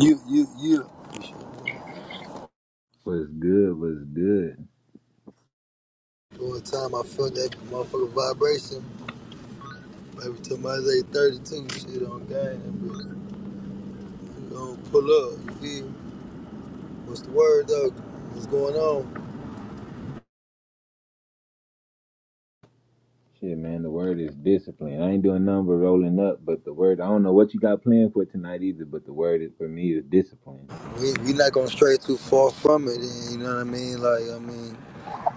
You, you, you. Was good, was good. One time I felt that motherfucker vibration. Every time I was 832, shit on gang. that bitch. You gonna pull up, you feel? me? What's the word though? What's going on? Shit, man, the word is discipline. I ain't doing nothing but rolling up, but the word, I don't know what you got planned for tonight either, but the word is, for me is discipline. We, we not gonna stray too far from it, and you know what I mean? Like, I mean,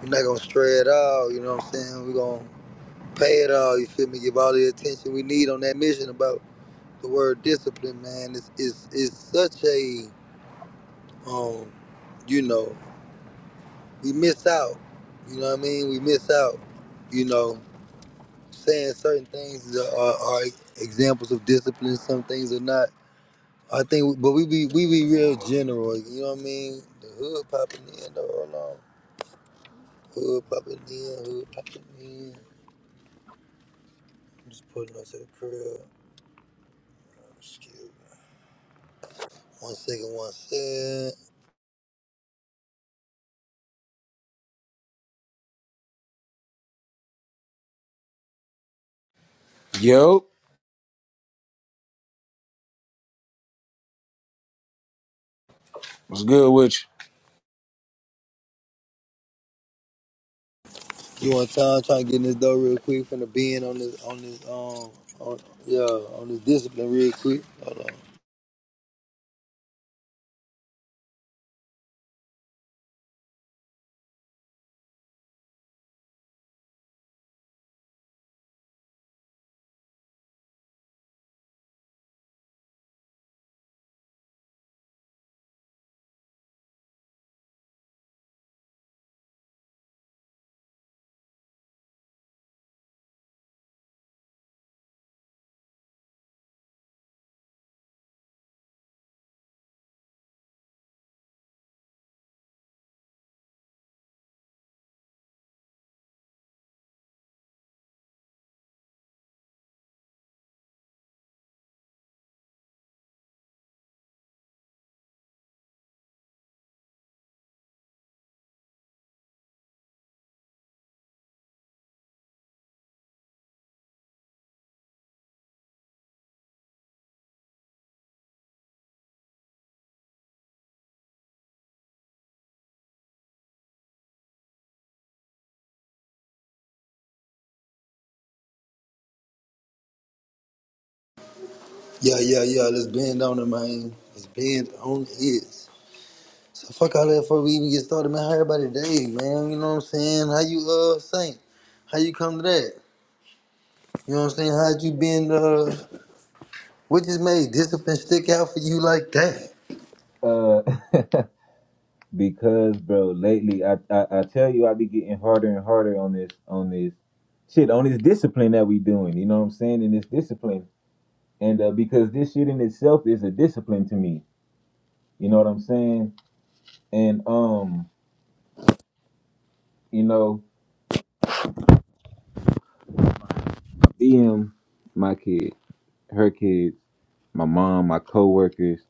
we not gonna stray at all, you know what I'm saying? we gonna pay it all, you feel me? Give all the attention we need on that mission about the word discipline, man. It's, it's, it's such a, um, you know. we miss out. You know what I mean? We miss out. You know, saying certain things are, are examples of discipline. Some things are not. I think, but we be we be real general. You know what I mean? The hood popping in. though, Hold on. Hood popping in. Hood popping in. I'm just putting up to the crib. Excuse me. One second. One second. Yo, what's good with you? You want time? Trying to get in this door real quick. Finna be in on this on this um on yeah on this discipline real quick. Hold on. Yeah, yeah, yeah. Let's bend on it, man. Let's bend on it. So fuck all that before we even get started, man. How everybody day, man? You know what I'm saying? How you uh think? How you come to that? You know what I'm saying? How'd you been uh what just made discipline stick out for you like that? Uh, because bro, lately I, I I tell you I be getting harder and harder on this on this shit on this discipline that we doing. You know what I'm saying? And this discipline, and uh, because this shit in itself is a discipline to me. You know what I'm saying? And um, you know, BM, my kid. her kids, my mom, my coworkers,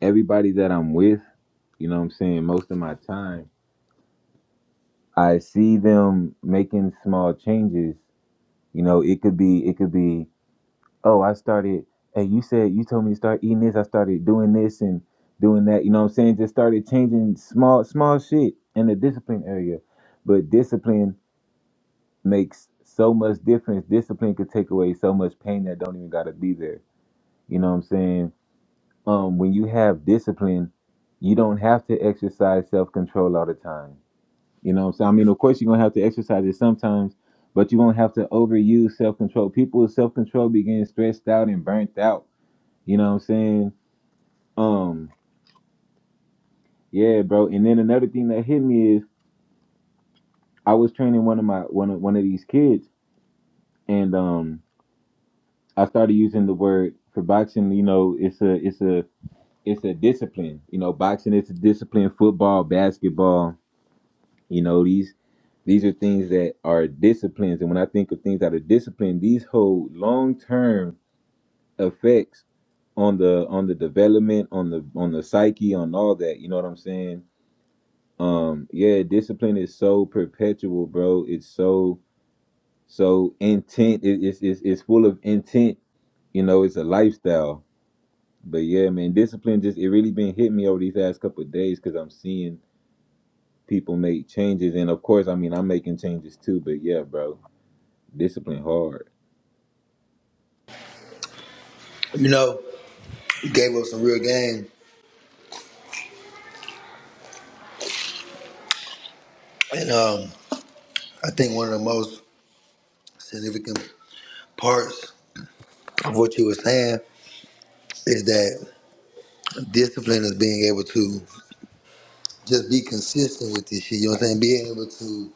everybody that I'm with, you know what I'm saying, most of my time, I see them making small changes. You know, it could be it could be, oh, I started hey, you said you told me to start eating this, I started doing this and doing that, you know what I'm saying? Just started changing small small shit in the discipline area. But discipline makes so much difference. Discipline could take away so much pain that don't even gotta be there. You know what I'm saying? um, when you have discipline, you don't have to exercise self control all the time. You know what I'm saying? I mean, of course, you're going to have to exercise it sometimes, but you won't have to overuse self control. People with self control be getting stressed out and burnt out. You know what I'm saying? Um, yeah, bro. And then another thing that hit me is I was training one of my one of one of these kids, and um, I started using the word for boxing. You know, it's a it's a it's a discipline. You know, boxing is a discipline. Football, basketball, You know, these these are things that are disciplines. And when I think of things that are disciplined, these hold long term effects on the on the development, on the on the psyche, on all that. You know what I'm saying? Um, yeah, discipline is so perpetual, bro. It's so so intent. It, it's, it's it's full of intent. You know, it's a lifestyle. But yeah, man, discipline just it really been hitting me over these last couple of days because I'm seeing people make changes, and of course, I mean, I'm making changes too. But yeah, bro, Discipline hard. You know, you gave up some real game. And um I think one of the most significant parts of what you were saying is that discipline is being able to just be consistent with this shit. You know what I'm saying? Being able to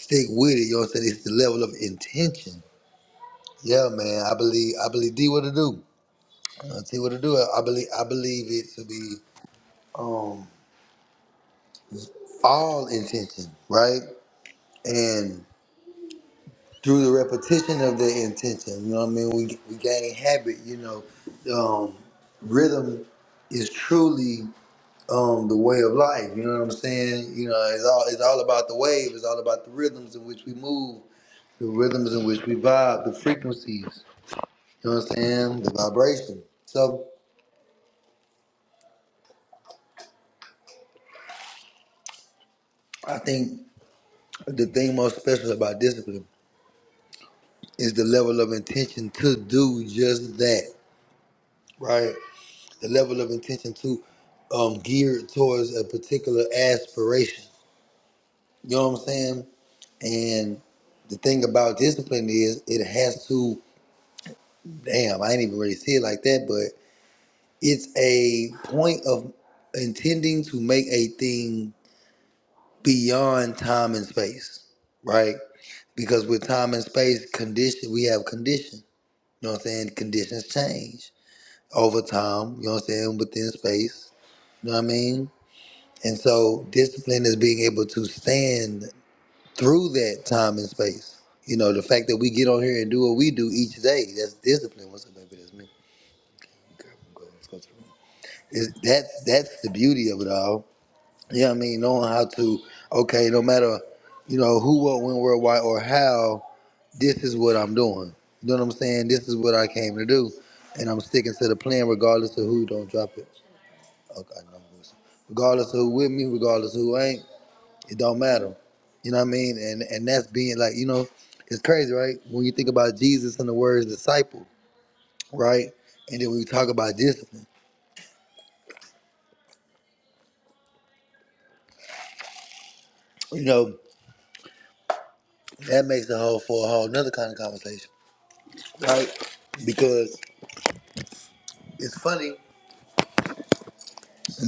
stick with it. You know what I'm saying? It's the level of intention. Yeah, man. I believe. I believe. D what to do. I see what to do. I believe. I believe it to be um, all intention, right? And through the repetition of the intention, you know what I mean. We we gain habit. You know, um, rhythm is truly um, the way of life. You know what I'm saying? You know, it's all it's all about the wave. It's all about the rhythms in which we move, the rhythms in which we vibe, the frequencies. You know what I'm saying? The vibration. So I think the thing most special about discipline is the level of intention to do just that, right? The level of intention to um, geared towards a particular aspiration. You know what I'm saying? And the thing about discipline is it has to, damn, I ain't even really see it like that, but it's a point of intending to make a thing beyond time and space, right? Because with time and space, condition we have condition. You know what I'm saying? Conditions change over time. You know what I'm saying? Within space. You know what I mean? And so discipline is being able to stand through that time and space. You know, the fact that we get on here and do what we do each day, that's discipline. What's up, baby? That's me. Okay, I'm good. Let's go to the room. It's, that's that's the beauty of it all Yeah, I mean, knowing how to, okay, no matter, you know, who, what, when, where, why, or how, this is what I'm doing. You know what I'm saying? This is what I came to do. And I'm sticking to the plan regardless of who don't drop it. Okay, I know who it's- regardless of who with me, regardless of who ain't, it don't matter. You know what I mean? And and that's being like, you know, it's crazy, right? When you think about Jesus and the words disciple, right? And then when we talk about discipline, you know, that makes a whole for a whole another kind of conversation, right? Because it's funny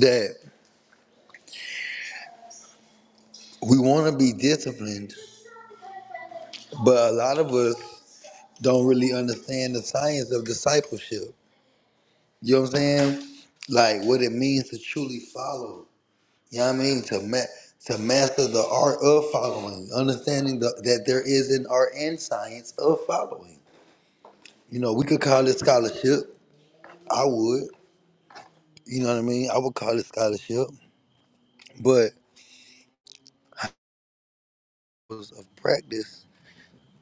that we want to be disciplined, but a lot of us don't really understand the science of discipleship. You know what I'm saying? Like what it means to truly follow. You know what I mean? To ma- to master the art of following, understanding the, that there is an art and science of following. You know, we could call it scholarship. I would. You know what I mean? I would call it scholarship, but of practice.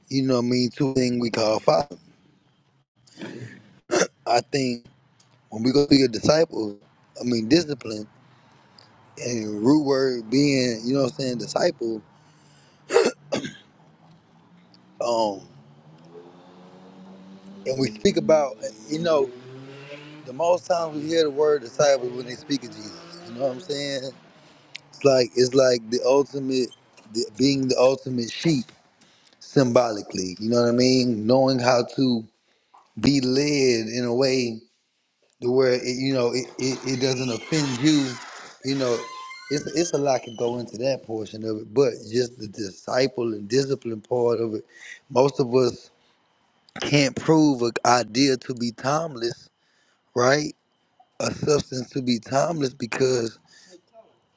You know what I mean? Two things we call following. I think. When we go to your disciples, I mean discipline and root word being, you know what I'm saying, disciple. Um, and we speak about, you know, the most times we hear the word disciple when they speak of Jesus. You know what I'm saying? It's like it's like the ultimate, the, being the ultimate sheep symbolically. You know what I mean? Knowing how to be led in a way to where it, you know it, it, it doesn't offend you. You know, it's it's a lot can go into that portion of it, but just the disciple and discipline part of it. Most of us can't prove an idea to be timeless, right? A substance to be timeless because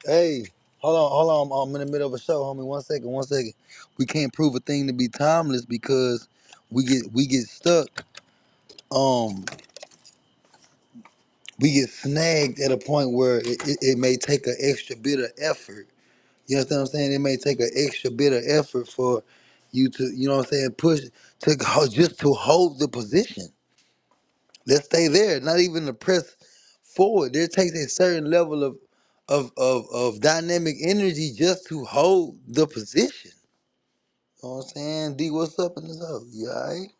hey, hold on, hold on, I'm in the middle of a show, homie. One second, one second. We can't prove a thing to be timeless because we get we get stuck. Um. we get snagged at a point where it, it, it may take an extra bit of effort. You understand what I'm saying? It may take an extra bit of effort for you to, you know what I'm saying, push to go, just to hold the position. Let's stay there, not even to press forward. There takes a certain level of of of, of dynamic energy just to hold the position. You know what I'm saying? D, what's up in this house? You alright?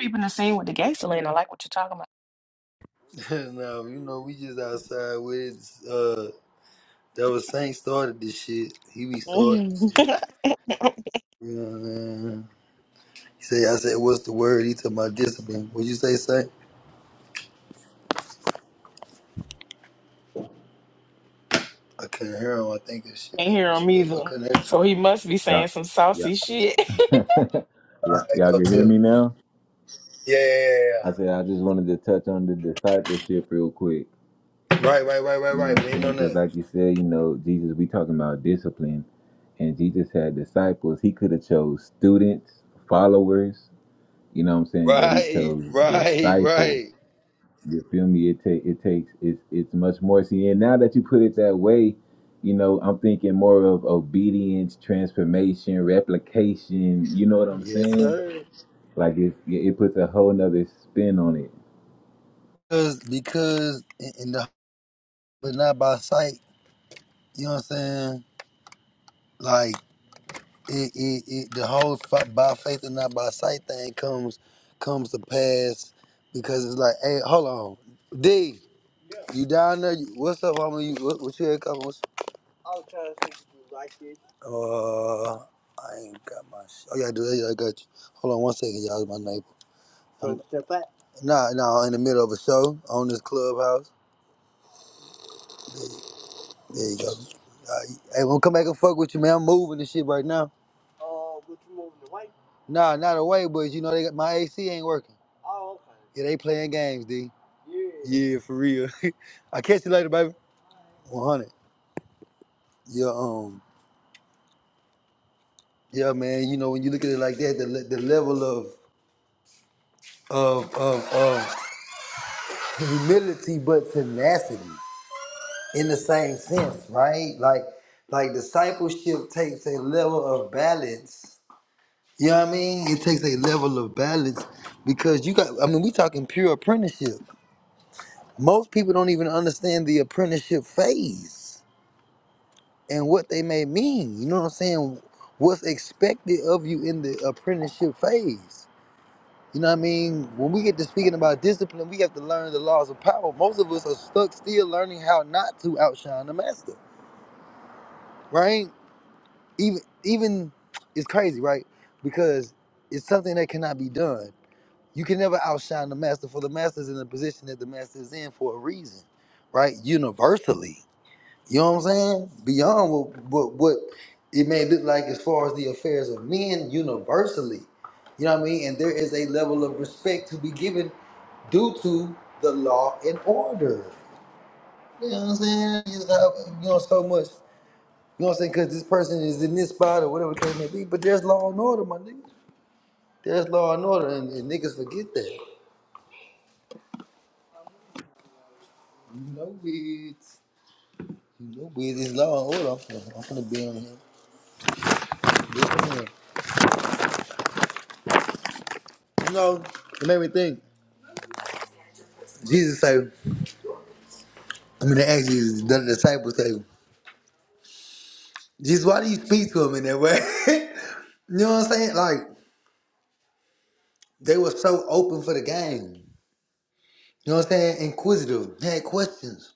Keeping the scene with the gangster, gasoline. I like what you're talking about. no, you know, we just outside with it. Uh, that was Saint started this shit. He be starting. Mhm. Uh, he said, I said, what's the word? He took my discipline. What'd you say, say? I couldn't hear him. I think this shit Can't made hear me him trip. I either. couldn't hear him. So he must be Yeah. saying some Yeah. saucy shit. All yeah. right, Y'all go can hear to it. me now? Yeah, yeah, yeah. I said I just wanted to touch on the discipleship real quick. yeah. Right, right, right, right, You know right. what I'm Lean saying? on Because that. like you said, you know, Jesus, we talking about discipline. And Jesus had disciples. He could have chose students, followers, you know what I'm saying? But he Right, chose right, disciples. right. You feel me? It take it takes it's it's much more. See, and now that you put it that way, you know, I'm thinking more of obedience, transformation, replication. You know what I'm Yes, saying? sir. Like it it puts a whole nother spin on it. Because, because in in the, but not by sight, you know what I'm saying? Like, it, it, it the whole fa- by faith and not by sight thing comes comes to pass because it's like, hey, hold on, D, you down there? You, what's up, homie? You what, what you had coming? What's, uh, I ain't got my. Sh- oh yeah, I do. Yeah, I got you. Hold on one second, y'all. My neighbor. I'm, nah, nah, in the middle of a show on this clubhouse. There you go. Uh, hey, I'm gonna come back and fuck with you, man. I'm moving and shit right now. Nah, not away, but you know they got my AC ain't working. It ain't playing games, D. Yeah, for real. I catch you later, baby. 100. Yeah, um, yeah, man. You know, when you look at it like that, the, le- the level of of of, of humility but tenacity in the same sense, right? Like, like discipleship takes a level of balance. You know what I mean? It takes a level of balance because you got. I mean, we talking pure apprenticeship. Most people don't even understand the apprenticeship phase. and what they may mean. You know what I'm saying? What's expected of you in the apprenticeship phase. You know what I mean? When we get to speaking about discipline, we have to learn the laws of power. Most of us are stuck still learning how not to outshine the master, right? Even even it's crazy, right? Because it's something that cannot be done. You can never outshine the master, for the master's in the position that the master is in for a reason, right? Universally. You know what I'm saying? Beyond what what, what it may look like as far as the affairs of men universally. You know what I mean? And there is a level of respect to be given due to the law and order. You know what I'm saying? It's not, you know, so much. You know what I'm saying? Because this person is in this spot or whatever the case may be, but there's law and order, my nigga. There's law and order, and, and niggas forget that. You know it. You know it. It's law and order. I'm finna, I'm finna be on here. You know, it made me think. Jesus say, I mean, actually, the disciples say, Jesus, why do you speak to him in that way? you know what I'm saying? Like, they were so open for the game. You know what I'm saying? Inquisitive, they had questions.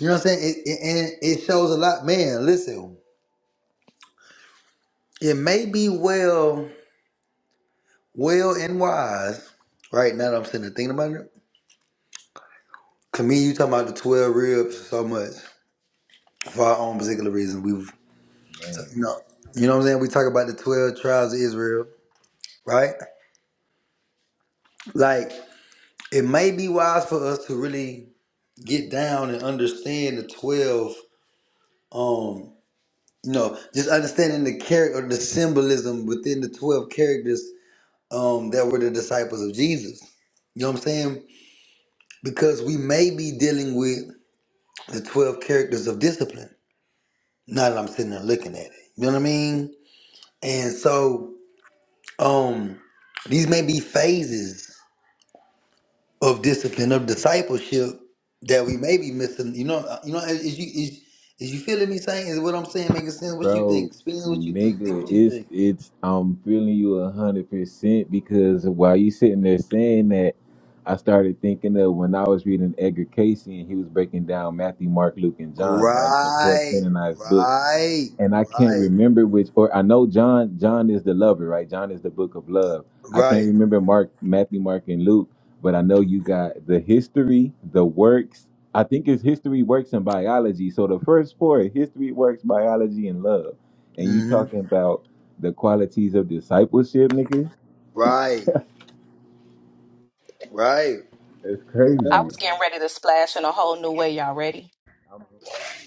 You know what I'm saying? It, it, and it shows a lot. Man, listen, it may be well, well and wise, right now that I'm sitting there thinking about it. To me, you talking about the 12 ribs so much for our own particular reason. We've, t- Man, you know, you know what I'm saying? We talk about the 12 tribes of Israel, right? Like. it may be wise for us to really get down and understand the 12 um you know just understanding the character the symbolism within the 12 characters um that were the disciples of jesus you know what i'm saying because we may be dealing with the 12 characters of discipline now that i'm sitting there looking at it you know what i mean and so um these may be phases of discipline of discipleship that we may be missing. You know, you know, is you is is you feeling me saying is what I'm saying making sense? What you bro, think? Spinning what you think? Do nigga, what you it's think? it's I'm feeling you a hundred percent because while you sitting there saying that, I started thinking of when I was reading Edgar Casey and he was breaking down Matthew, Mark, Luke, and John, right? The four Right, canonized books right, and I can't right, remember which or I know John John is the lover, right? John is the book of love. I can't right, remember Mark, Matthew, Mark, and Luke, but I know you got the history, the works. I think it's history, works, and biology. So the first four history, works, biology, and love. And you mm-hmm. talking about the qualities of discipleship, nigga? right, right. That's I crazy. was getting ready to splash in a whole new way. Y'all ready?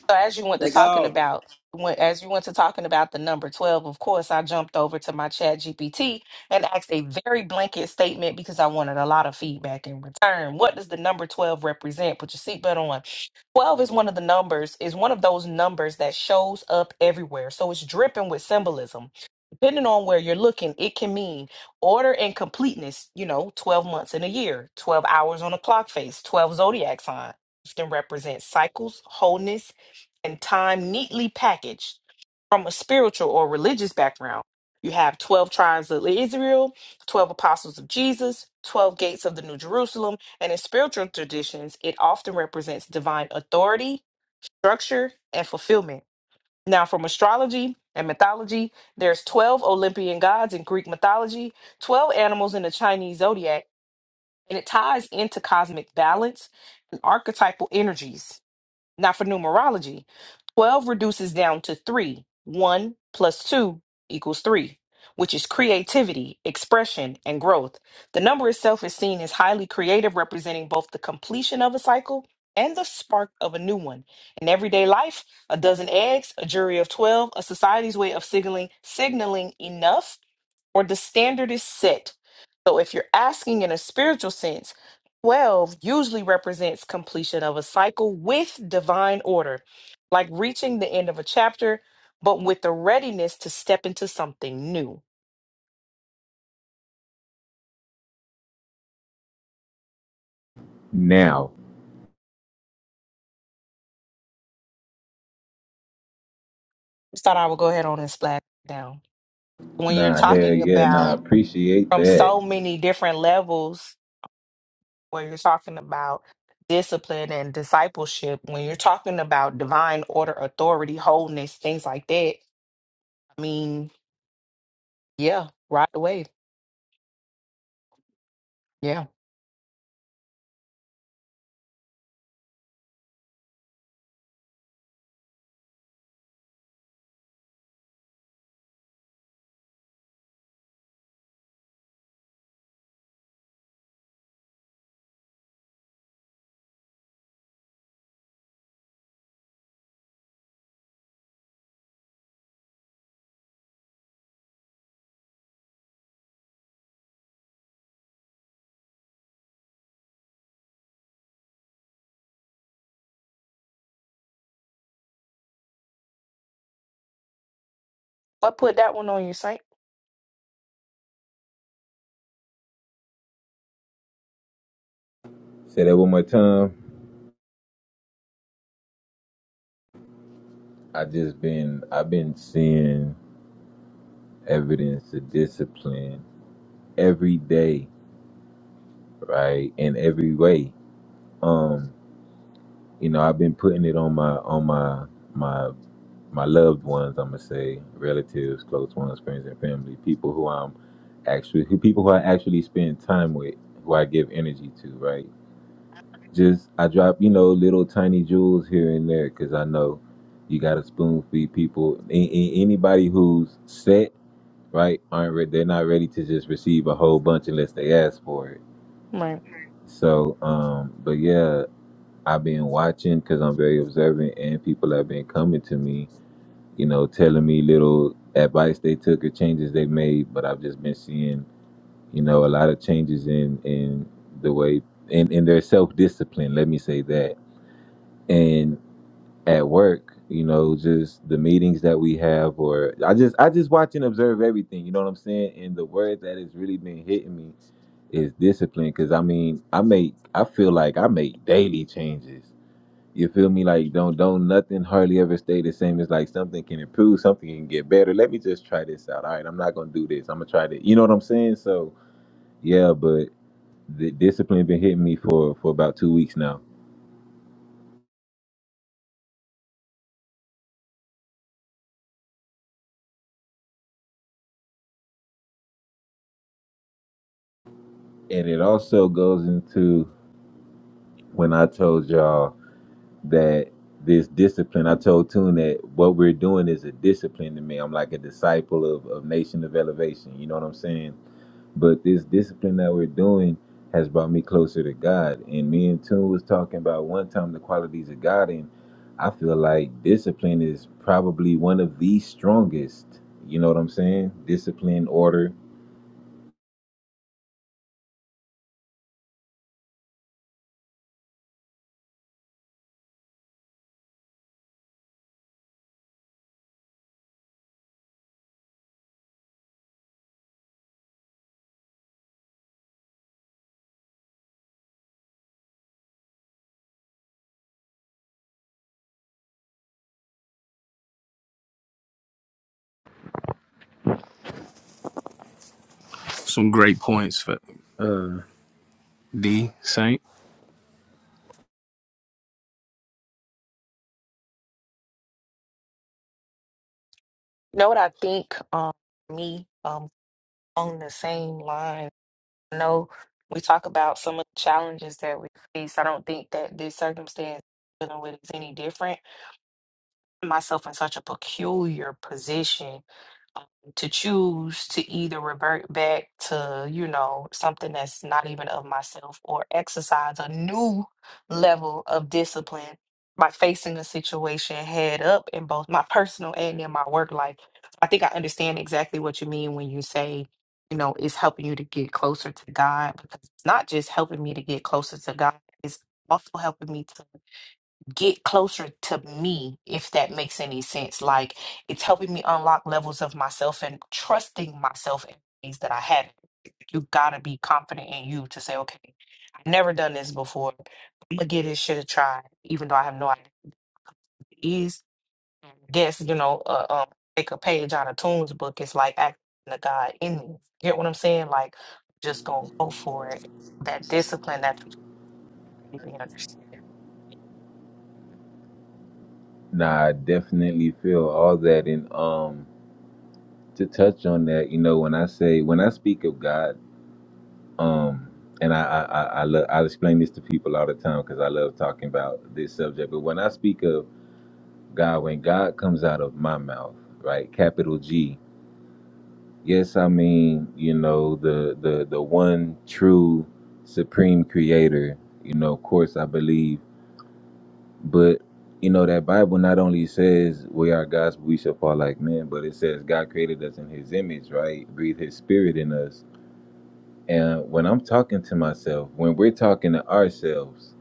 So as you went to Thank talking God. about when, as you went to talking about the number 12, of course, I jumped over to my chat GPT and asked a very blanket statement because I wanted a lot of feedback in return. What does the number 12 represent? Put your seatbelt on. 12 is one of the numbers, is one of those numbers that shows up everywhere. So it's dripping with symbolism. Depending on where you're looking, it can mean order and completeness, you know, 12 months in a year, 12 hours on a clock face, 12 zodiac sign often represents cycles, wholeness, and time neatly packaged from a spiritual or religious background. You have 12 tribes of Israel, 12 apostles of Jesus, 12 gates of the New Jerusalem, and in spiritual traditions, it often represents divine authority, structure, and fulfillment. Now, from astrology and mythology, there's 12 Olympian gods in Greek mythology, 12 animals in the Chinese zodiac, and it ties into cosmic balance and archetypal energies not for numerology. 12 reduces down to 3. 1 plus 2 equals 3, which is creativity, expression, and growth. The number itself is seen as highly creative, representing both the completion of a cycle and the spark of a new one. In everyday life, a dozen eggs, a jury of 12, a society's way of signaling signaling enough or the standard is set. So if you're asking in a spiritual sense, 12 usually represents completion of a cycle with divine order, like reaching the end of a chapter, but with the readiness to step into something new. Now. Just thought I would go ahead on and splash it down. When you're Nah, hell talking yeah, nah, about appreciate from that. so many different levels, where you're talking about discipline and discipleship, when you're talking about divine order, authority, wholeness, things like that, I mean, Yeah, ride the wave. Yeah. I put that one on your site. Say that one more time. I just been I've been seeing evidence of discipline every day, right? In every way. Um, you know, I've been putting it on my on my my my loved ones, I'm gonna say, relatives, close ones, friends and family, people who I'm actually who people who I actually spend time with, who I give energy to, right? Just I drop, you know, little tiny jewels here and there because I know you got to spoon feed people. A- a- anybody who's set right? Aren't re- they're not ready to just receive a whole bunch unless they ask for it. Right. So, um, but yeah, I've been watching because I'm very observant, and people have been coming to me, you know, telling me little advice they took or changes they made. But I've just been seeing, you know, a lot of changes in in the way in in their self discipline. Let me say that. And at work, you know, just the meetings that we have, or I just I just watch and observe everything. You know what I'm saying? And the word that has really been hitting me is discipline because i mean i make i feel like i make daily changes you feel me like don't don't nothing hardly ever stay the same it's like something can improve something can get better let me just try this out all right i'm not gonna do this i'm gonna try to you know what i'm saying so yeah but the discipline been hitting me for for about two weeks now and it also goes into when i told y'all that this discipline i told tune that what we're doing is a discipline to me i'm like a disciple of, of nation of elevation you know what i'm saying But this discipline that we're doing has brought me closer to God. And me and Tune was talking about one time the qualities of God, and I feel like discipline is probably one of the strongest. You know what I'm saying? Discipline, order. Some great points for D Saint. You know what I think um me um on the same line. I know we talk about some of the challenges that we face. I don't think that this circumstance dealing with is any different. myself in such a peculiar position um, to choose to either revert back to, you know, something that's not even of myself or exercise a new level of discipline by facing a situation head up in both my personal and in my work life. I think I understand exactly what you mean when you say, you know, it's helping you to get closer to God because it's not just helping me to get closer to God, it's also helping me to get closer to me, if that makes any sense. Like it's helping me unlock levels of myself and trusting myself in ways that I haven't. You gotta be confident in you to say, okay, I've never done this before. I'm gonna give this shit a try, even though I have no idea what it is. I guess, you know, uh, um, take a page out of Toon's book. It's like acting the God in me. Get what I'm saying? Like, just gonna go for it. That discipline that you understand. Nah, I definitely feel all that. And um, to touch on that, you know, when I say when I speak of God, um, and I I I, I, lo- I explain this to people all the time because I love talking about this subject. But when I speak of God, when God comes out of my mouth, right? Capital G. Yes, I mean, you know, the the the one true supreme creator, you know, of course I believe. But you know, that Bible not only says we are gods, but we shall fall like men, but it says God created us in his image, right? Breathe his spirit in us. And when I'm talking to myself, when we're talking to ourselves,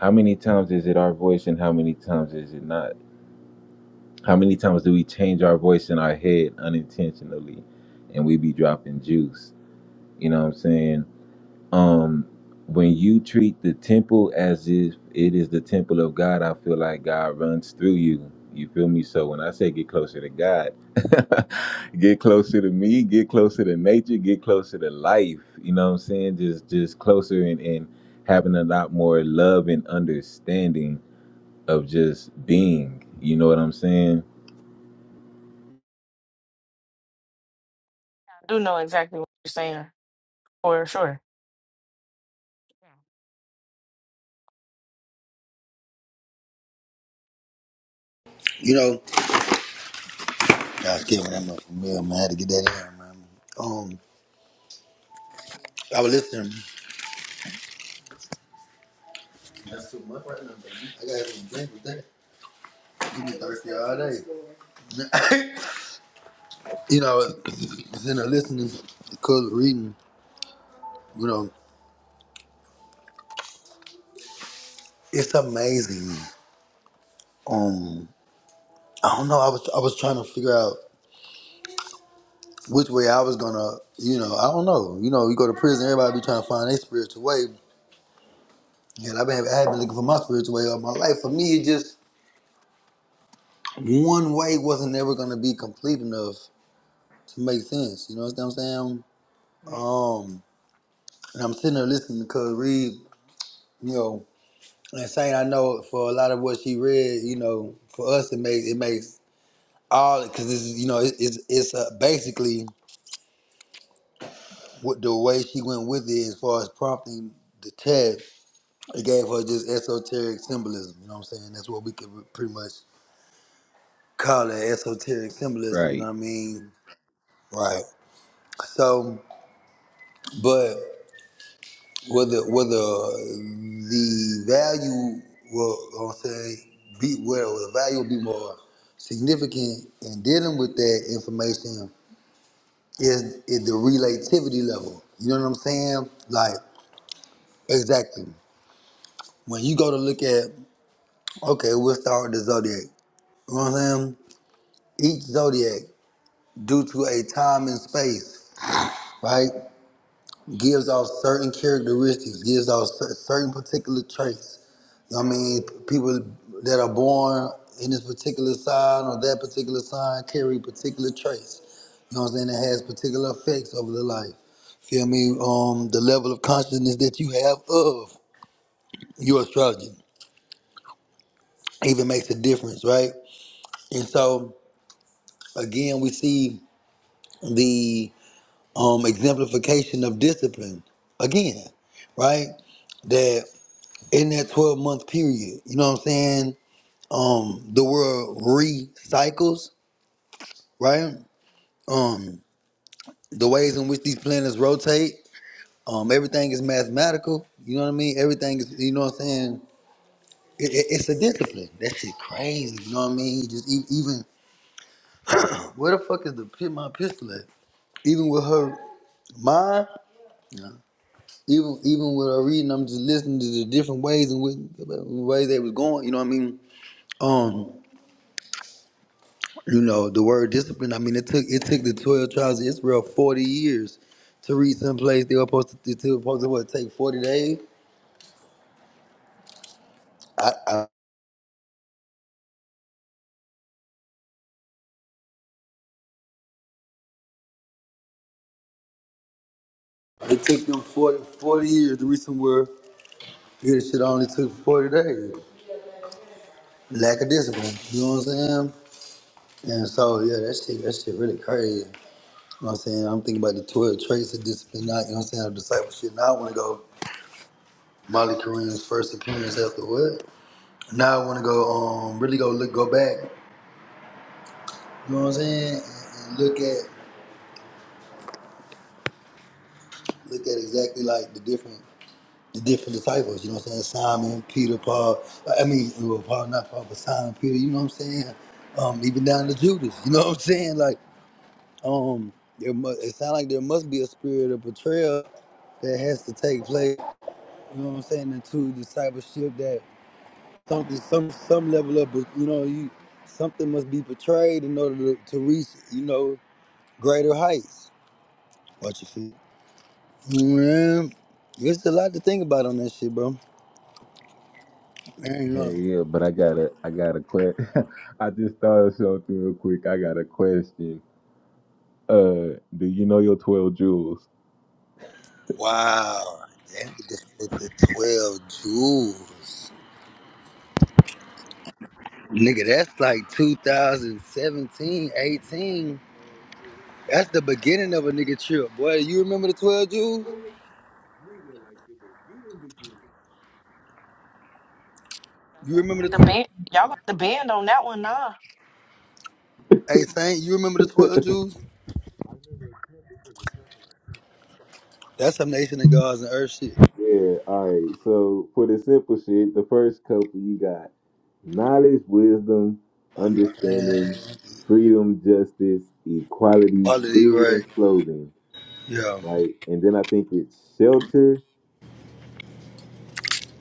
how many times is it our voice and how many times is it not? How many times do we change our voice in our head unintentionally and we be dropping juice? You know what I'm saying? Um when you treat the temple as if it is the temple of God, I feel like God runs through you. You feel me? So when I say get closer to God, get closer to me, get closer to nature, get closer to life. You know what I'm saying? Just just closer and, and having a lot more love and understanding of just being. You know what I'm saying? I do know exactly what you're saying for sure. You know, I was kidding that much for me. man. I had to get that in, man. Um, I was listening. That's too much right now, baby. I gotta have some drink with that. You be thirsty all day. you know, you know, listening because reading, you know, it's amazing. Um, I don't know. I was I was trying to figure out which way I was gonna, you know, I don't know. You know, you go to prison, everybody be trying to find their spiritual way, and I've been I've been looking for my spiritual way all my life. For me, it just one way wasn't ever gonna be complete enough to make sense. You know what I'm saying? Um, and I'm sitting there listening because read, you know, and saying I know for a lot of what she read, you know, for us it makes it makes all because it's you know it, it's it's uh, basically what the way she went with it as far as prompting the tag it gave her just esoteric symbolism you know what i'm saying that's what we could pretty much call it esoteric symbolism you know Right. what i mean right so but whether whether uh, the value will i'm saying be where the value will be more significant in dealing with that information is, is the relativity level. You know what I'm saying? Like Exactly. When you go to look at, okay, we'll start with the zodiac. You know what I'm saying? Each zodiac, due to a time and space, right, gives off certain characteristics, gives off cer- certain particular traits. You know what I mean, people that are born in this particular sign or that particular sign carry particular traits. You know what I'm saying? It has particular effects over the life. Feel me? Um, the level of consciousness that you have of your astrology even makes a difference, right? And so again, we see the um, exemplification of discipline again, right? That in that 12 month period, you know what I'm saying? Um, the world recycles, right? Um, the ways in which these planets rotate, um, everything is mathematical. You know what I mean? Everything is, you know what I'm saying? It, it, it's a discipline. That shit crazy. You know what I mean? Just e- even where the fuck is the pi- my pistol at? Even with her mind, even even with her reading, I'm just listening to the different ways and with ways they was going. You know what I mean? Um, you know the word discipline. I mean, it took it took the twelve tribes of Israel forty years to reach some place they were supposed to. It took supposed to what take forty days. It took them 40 40 years to reach somewhere. Yeah, this shit only took forty days. Lack of discipline. You know what I'm saying? And so yeah, that shit that shit really crazy. You know what I'm saying? I'm thinking about the twelve traits of discipline. Not you know what I'm saying? Of discipleship. Now I want to go. Molly Kareem's first appearance after what? Now I want to go um really go look go back. You know what I'm saying? And, and look at look at exactly like the different the different disciples. You know what I'm saying? Simon, Peter, Paul. uh, I mean, well, Paul not Paul, but Simon, Peter. You know what I'm saying? Um, even down to Judas. You know what I'm saying? Like um, there must, it sounds like there must be a spirit of betrayal that has to take place. You know what I'm saying? Into discipleship that something some some level of you know you something must be portrayed in order to, to reach you know greater heights what you feel man there's a lot to think about on that shit bro I ain't know Hey, yeah, but I got to I got a question. I just thought of something real quick. I got a question. Uh, do you know your twelve jewels? wow that nigga split the 12 jewels nigga that's like 2017 18 that's the beginning of a nigga trip boy you remember the 12 jewels So you y'all don't remember have to the ban y'all got to band on that one, nah. hey saint you remember the 12 jewels that's some nation of gods and earth shit Yeah. All right. So for the simple shit, the first couple you got knowledge, wisdom, Understand understanding, freedom, justice, equality, quality, food, right? and clothing. Yeah, Right, and then I think it's shelter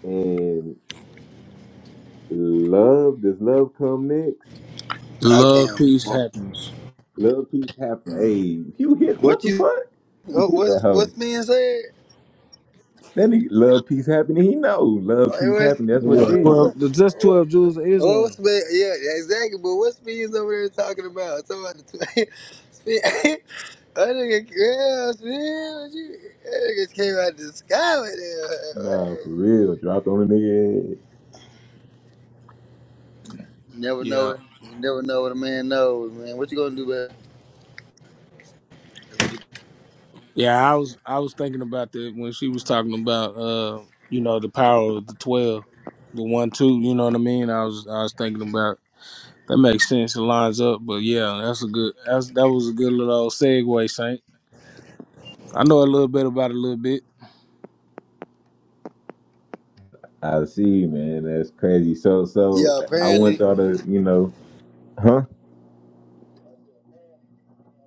and love. Does love come next? and I Love, can't. peace, happiness. Love, peace, happy. Hey, you hit what What the you? fuck? You What, hit that what's hoe. what's being said? It That nigga love peace happening. He know love peace was. happening. That's what it Yeah, is. twelve. That's just twelve jewels of What was Islam. being? Yeah, yeah, exactly. But what's being over there talking about? Talking about the I think yeah, man, what you, that nigga came out the sky with Nah, that. for real. Dropped on a nigga. head. You never know Yeah, it. You never know what a man knows, man. What you gonna do about? it? yeah. I was I was thinking about that when she was talking about uh, you know, the power of the twelve, the one two. You know what I mean? I was I was thinking about that makes sense. It lines up. But yeah, that's a good. That's that was a good little old segue, Saint. I know a little bit about it, a little bit. I see, man. That's crazy. So, so Yeah, I want apparently y'all to, you know, huh?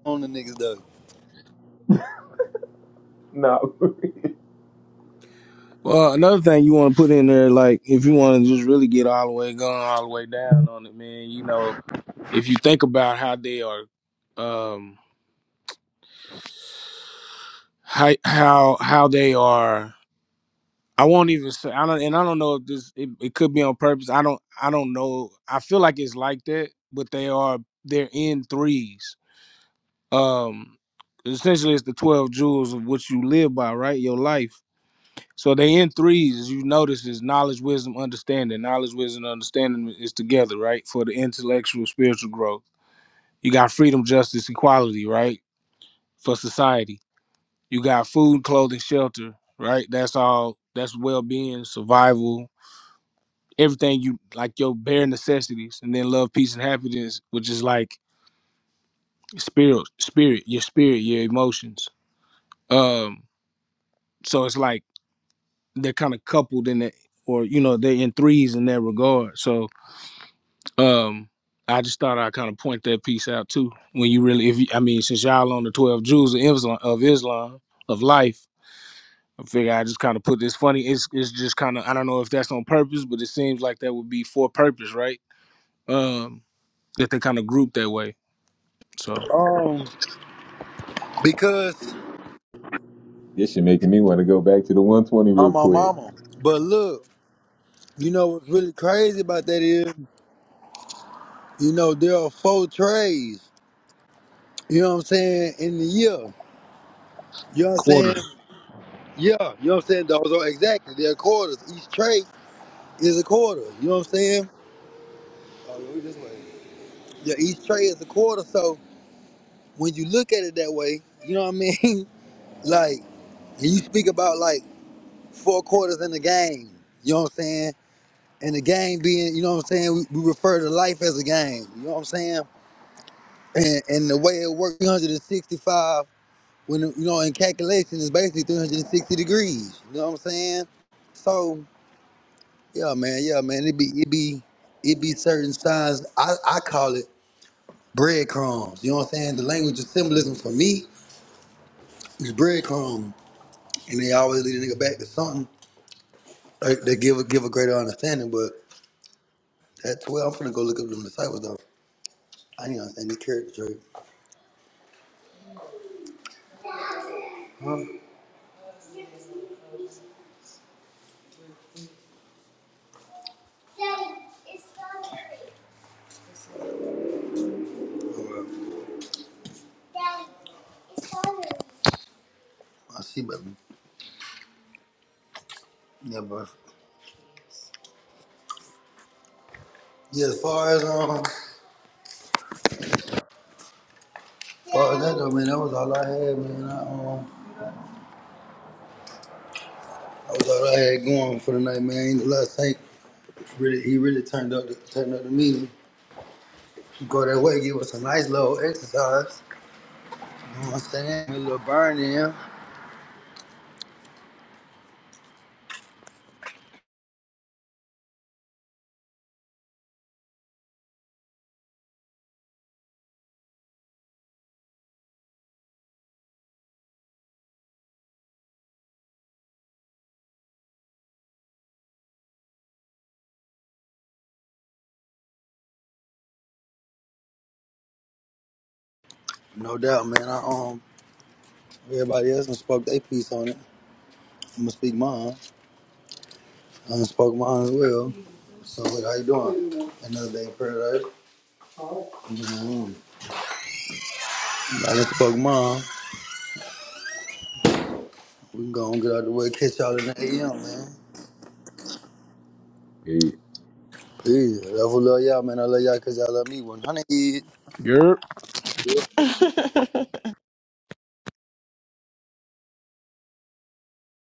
on the niggas though. No, Well, another thing you want to put in there, like if you want to just really get all the way gone, all the way down on it, man. You know, if you think about how they are, um, how how how they are. I won't even say. I don't, and I don't know if this. It, it could be on purpose. I don't. I don't know. I feel like it's like that, but they are. They're in threes. Um, essentially, it's the twelve jewels of what you live by, right? Your life So they in threes, as you notice, is knowledge, wisdom, understanding. Knowledge, wisdom, understanding is together, right? For the intellectual, spiritual growth. You got freedom, justice, equality, right? For society. You got food, clothing, shelter, right? That's all. That's well being, survival, everything you like your bare necessities. And then love, peace, and happiness, which is like spirit, spirit, your spirit, your emotions. Um, so it's like they're kind of coupled in that, or you know, they're in threes in that regard. So Um, I just thought I'd kind of point that piece out too. When you really, if you, I mean, since y'all on the twelve jewels of Islam, of Islam, of life, I figure I just kind of put this funny. It's it's just kind of I don't know if that's on purpose, but it seems like that would be for purpose, right? Um, that they kind of group that way. So Um, because this shit making me want to go back to the 120 I'm real my quick. mama. But look. You know what's really crazy about that is, you know, there are four trades, you know what I'm saying, in the year. You know what I'm quarters. saying? Yeah, you know what I'm saying? Those are exactly, they're quarters. Each trade is a quarter, you know what I'm saying? Oh, yeah, we this way. Yeah, each trade is a quarter. So when you look at it that way, you know what I mean? like, and you speak about like four quarters in the game, you know what I'm saying? And the game being, you know what I'm saying? We, we refer to life as a game, you know what I'm saying? and, and the way it works 365 when you know in calculation is basically 360 degrees you know what i'm saying so yeah man yeah man it be it be it be certain signs i i call it breadcrumbs you know what i'm saying the language of symbolism for me is breadcrumbs, and they always lead a nigga back to something that that give a give a greater understanding but that's where i'm finna go look up them disciples though i need to understand the character trait. Or, i see but yeah but yeah as far as um Well, that though, man, that was all I had, man. I, um, that was all I had going for the night, man. Ain't a lot. of Thank really, he really turned up, the, turned up the meeting. Go that way, give us a nice little exercise. You know what I'm saying? A little burn in, no doubt, man. I um, everybody else done spoke their piece on it. I'm gonna speak mine. I done spoke mine as well. So, what, how you doing? Another day in paradise. Mm-hmm. I done spoke mine. We can go and get out of the way, catch y'all in the AM, man. Peace. Hey, I love y'all, man. I love y'all because y'all love me 100. yep.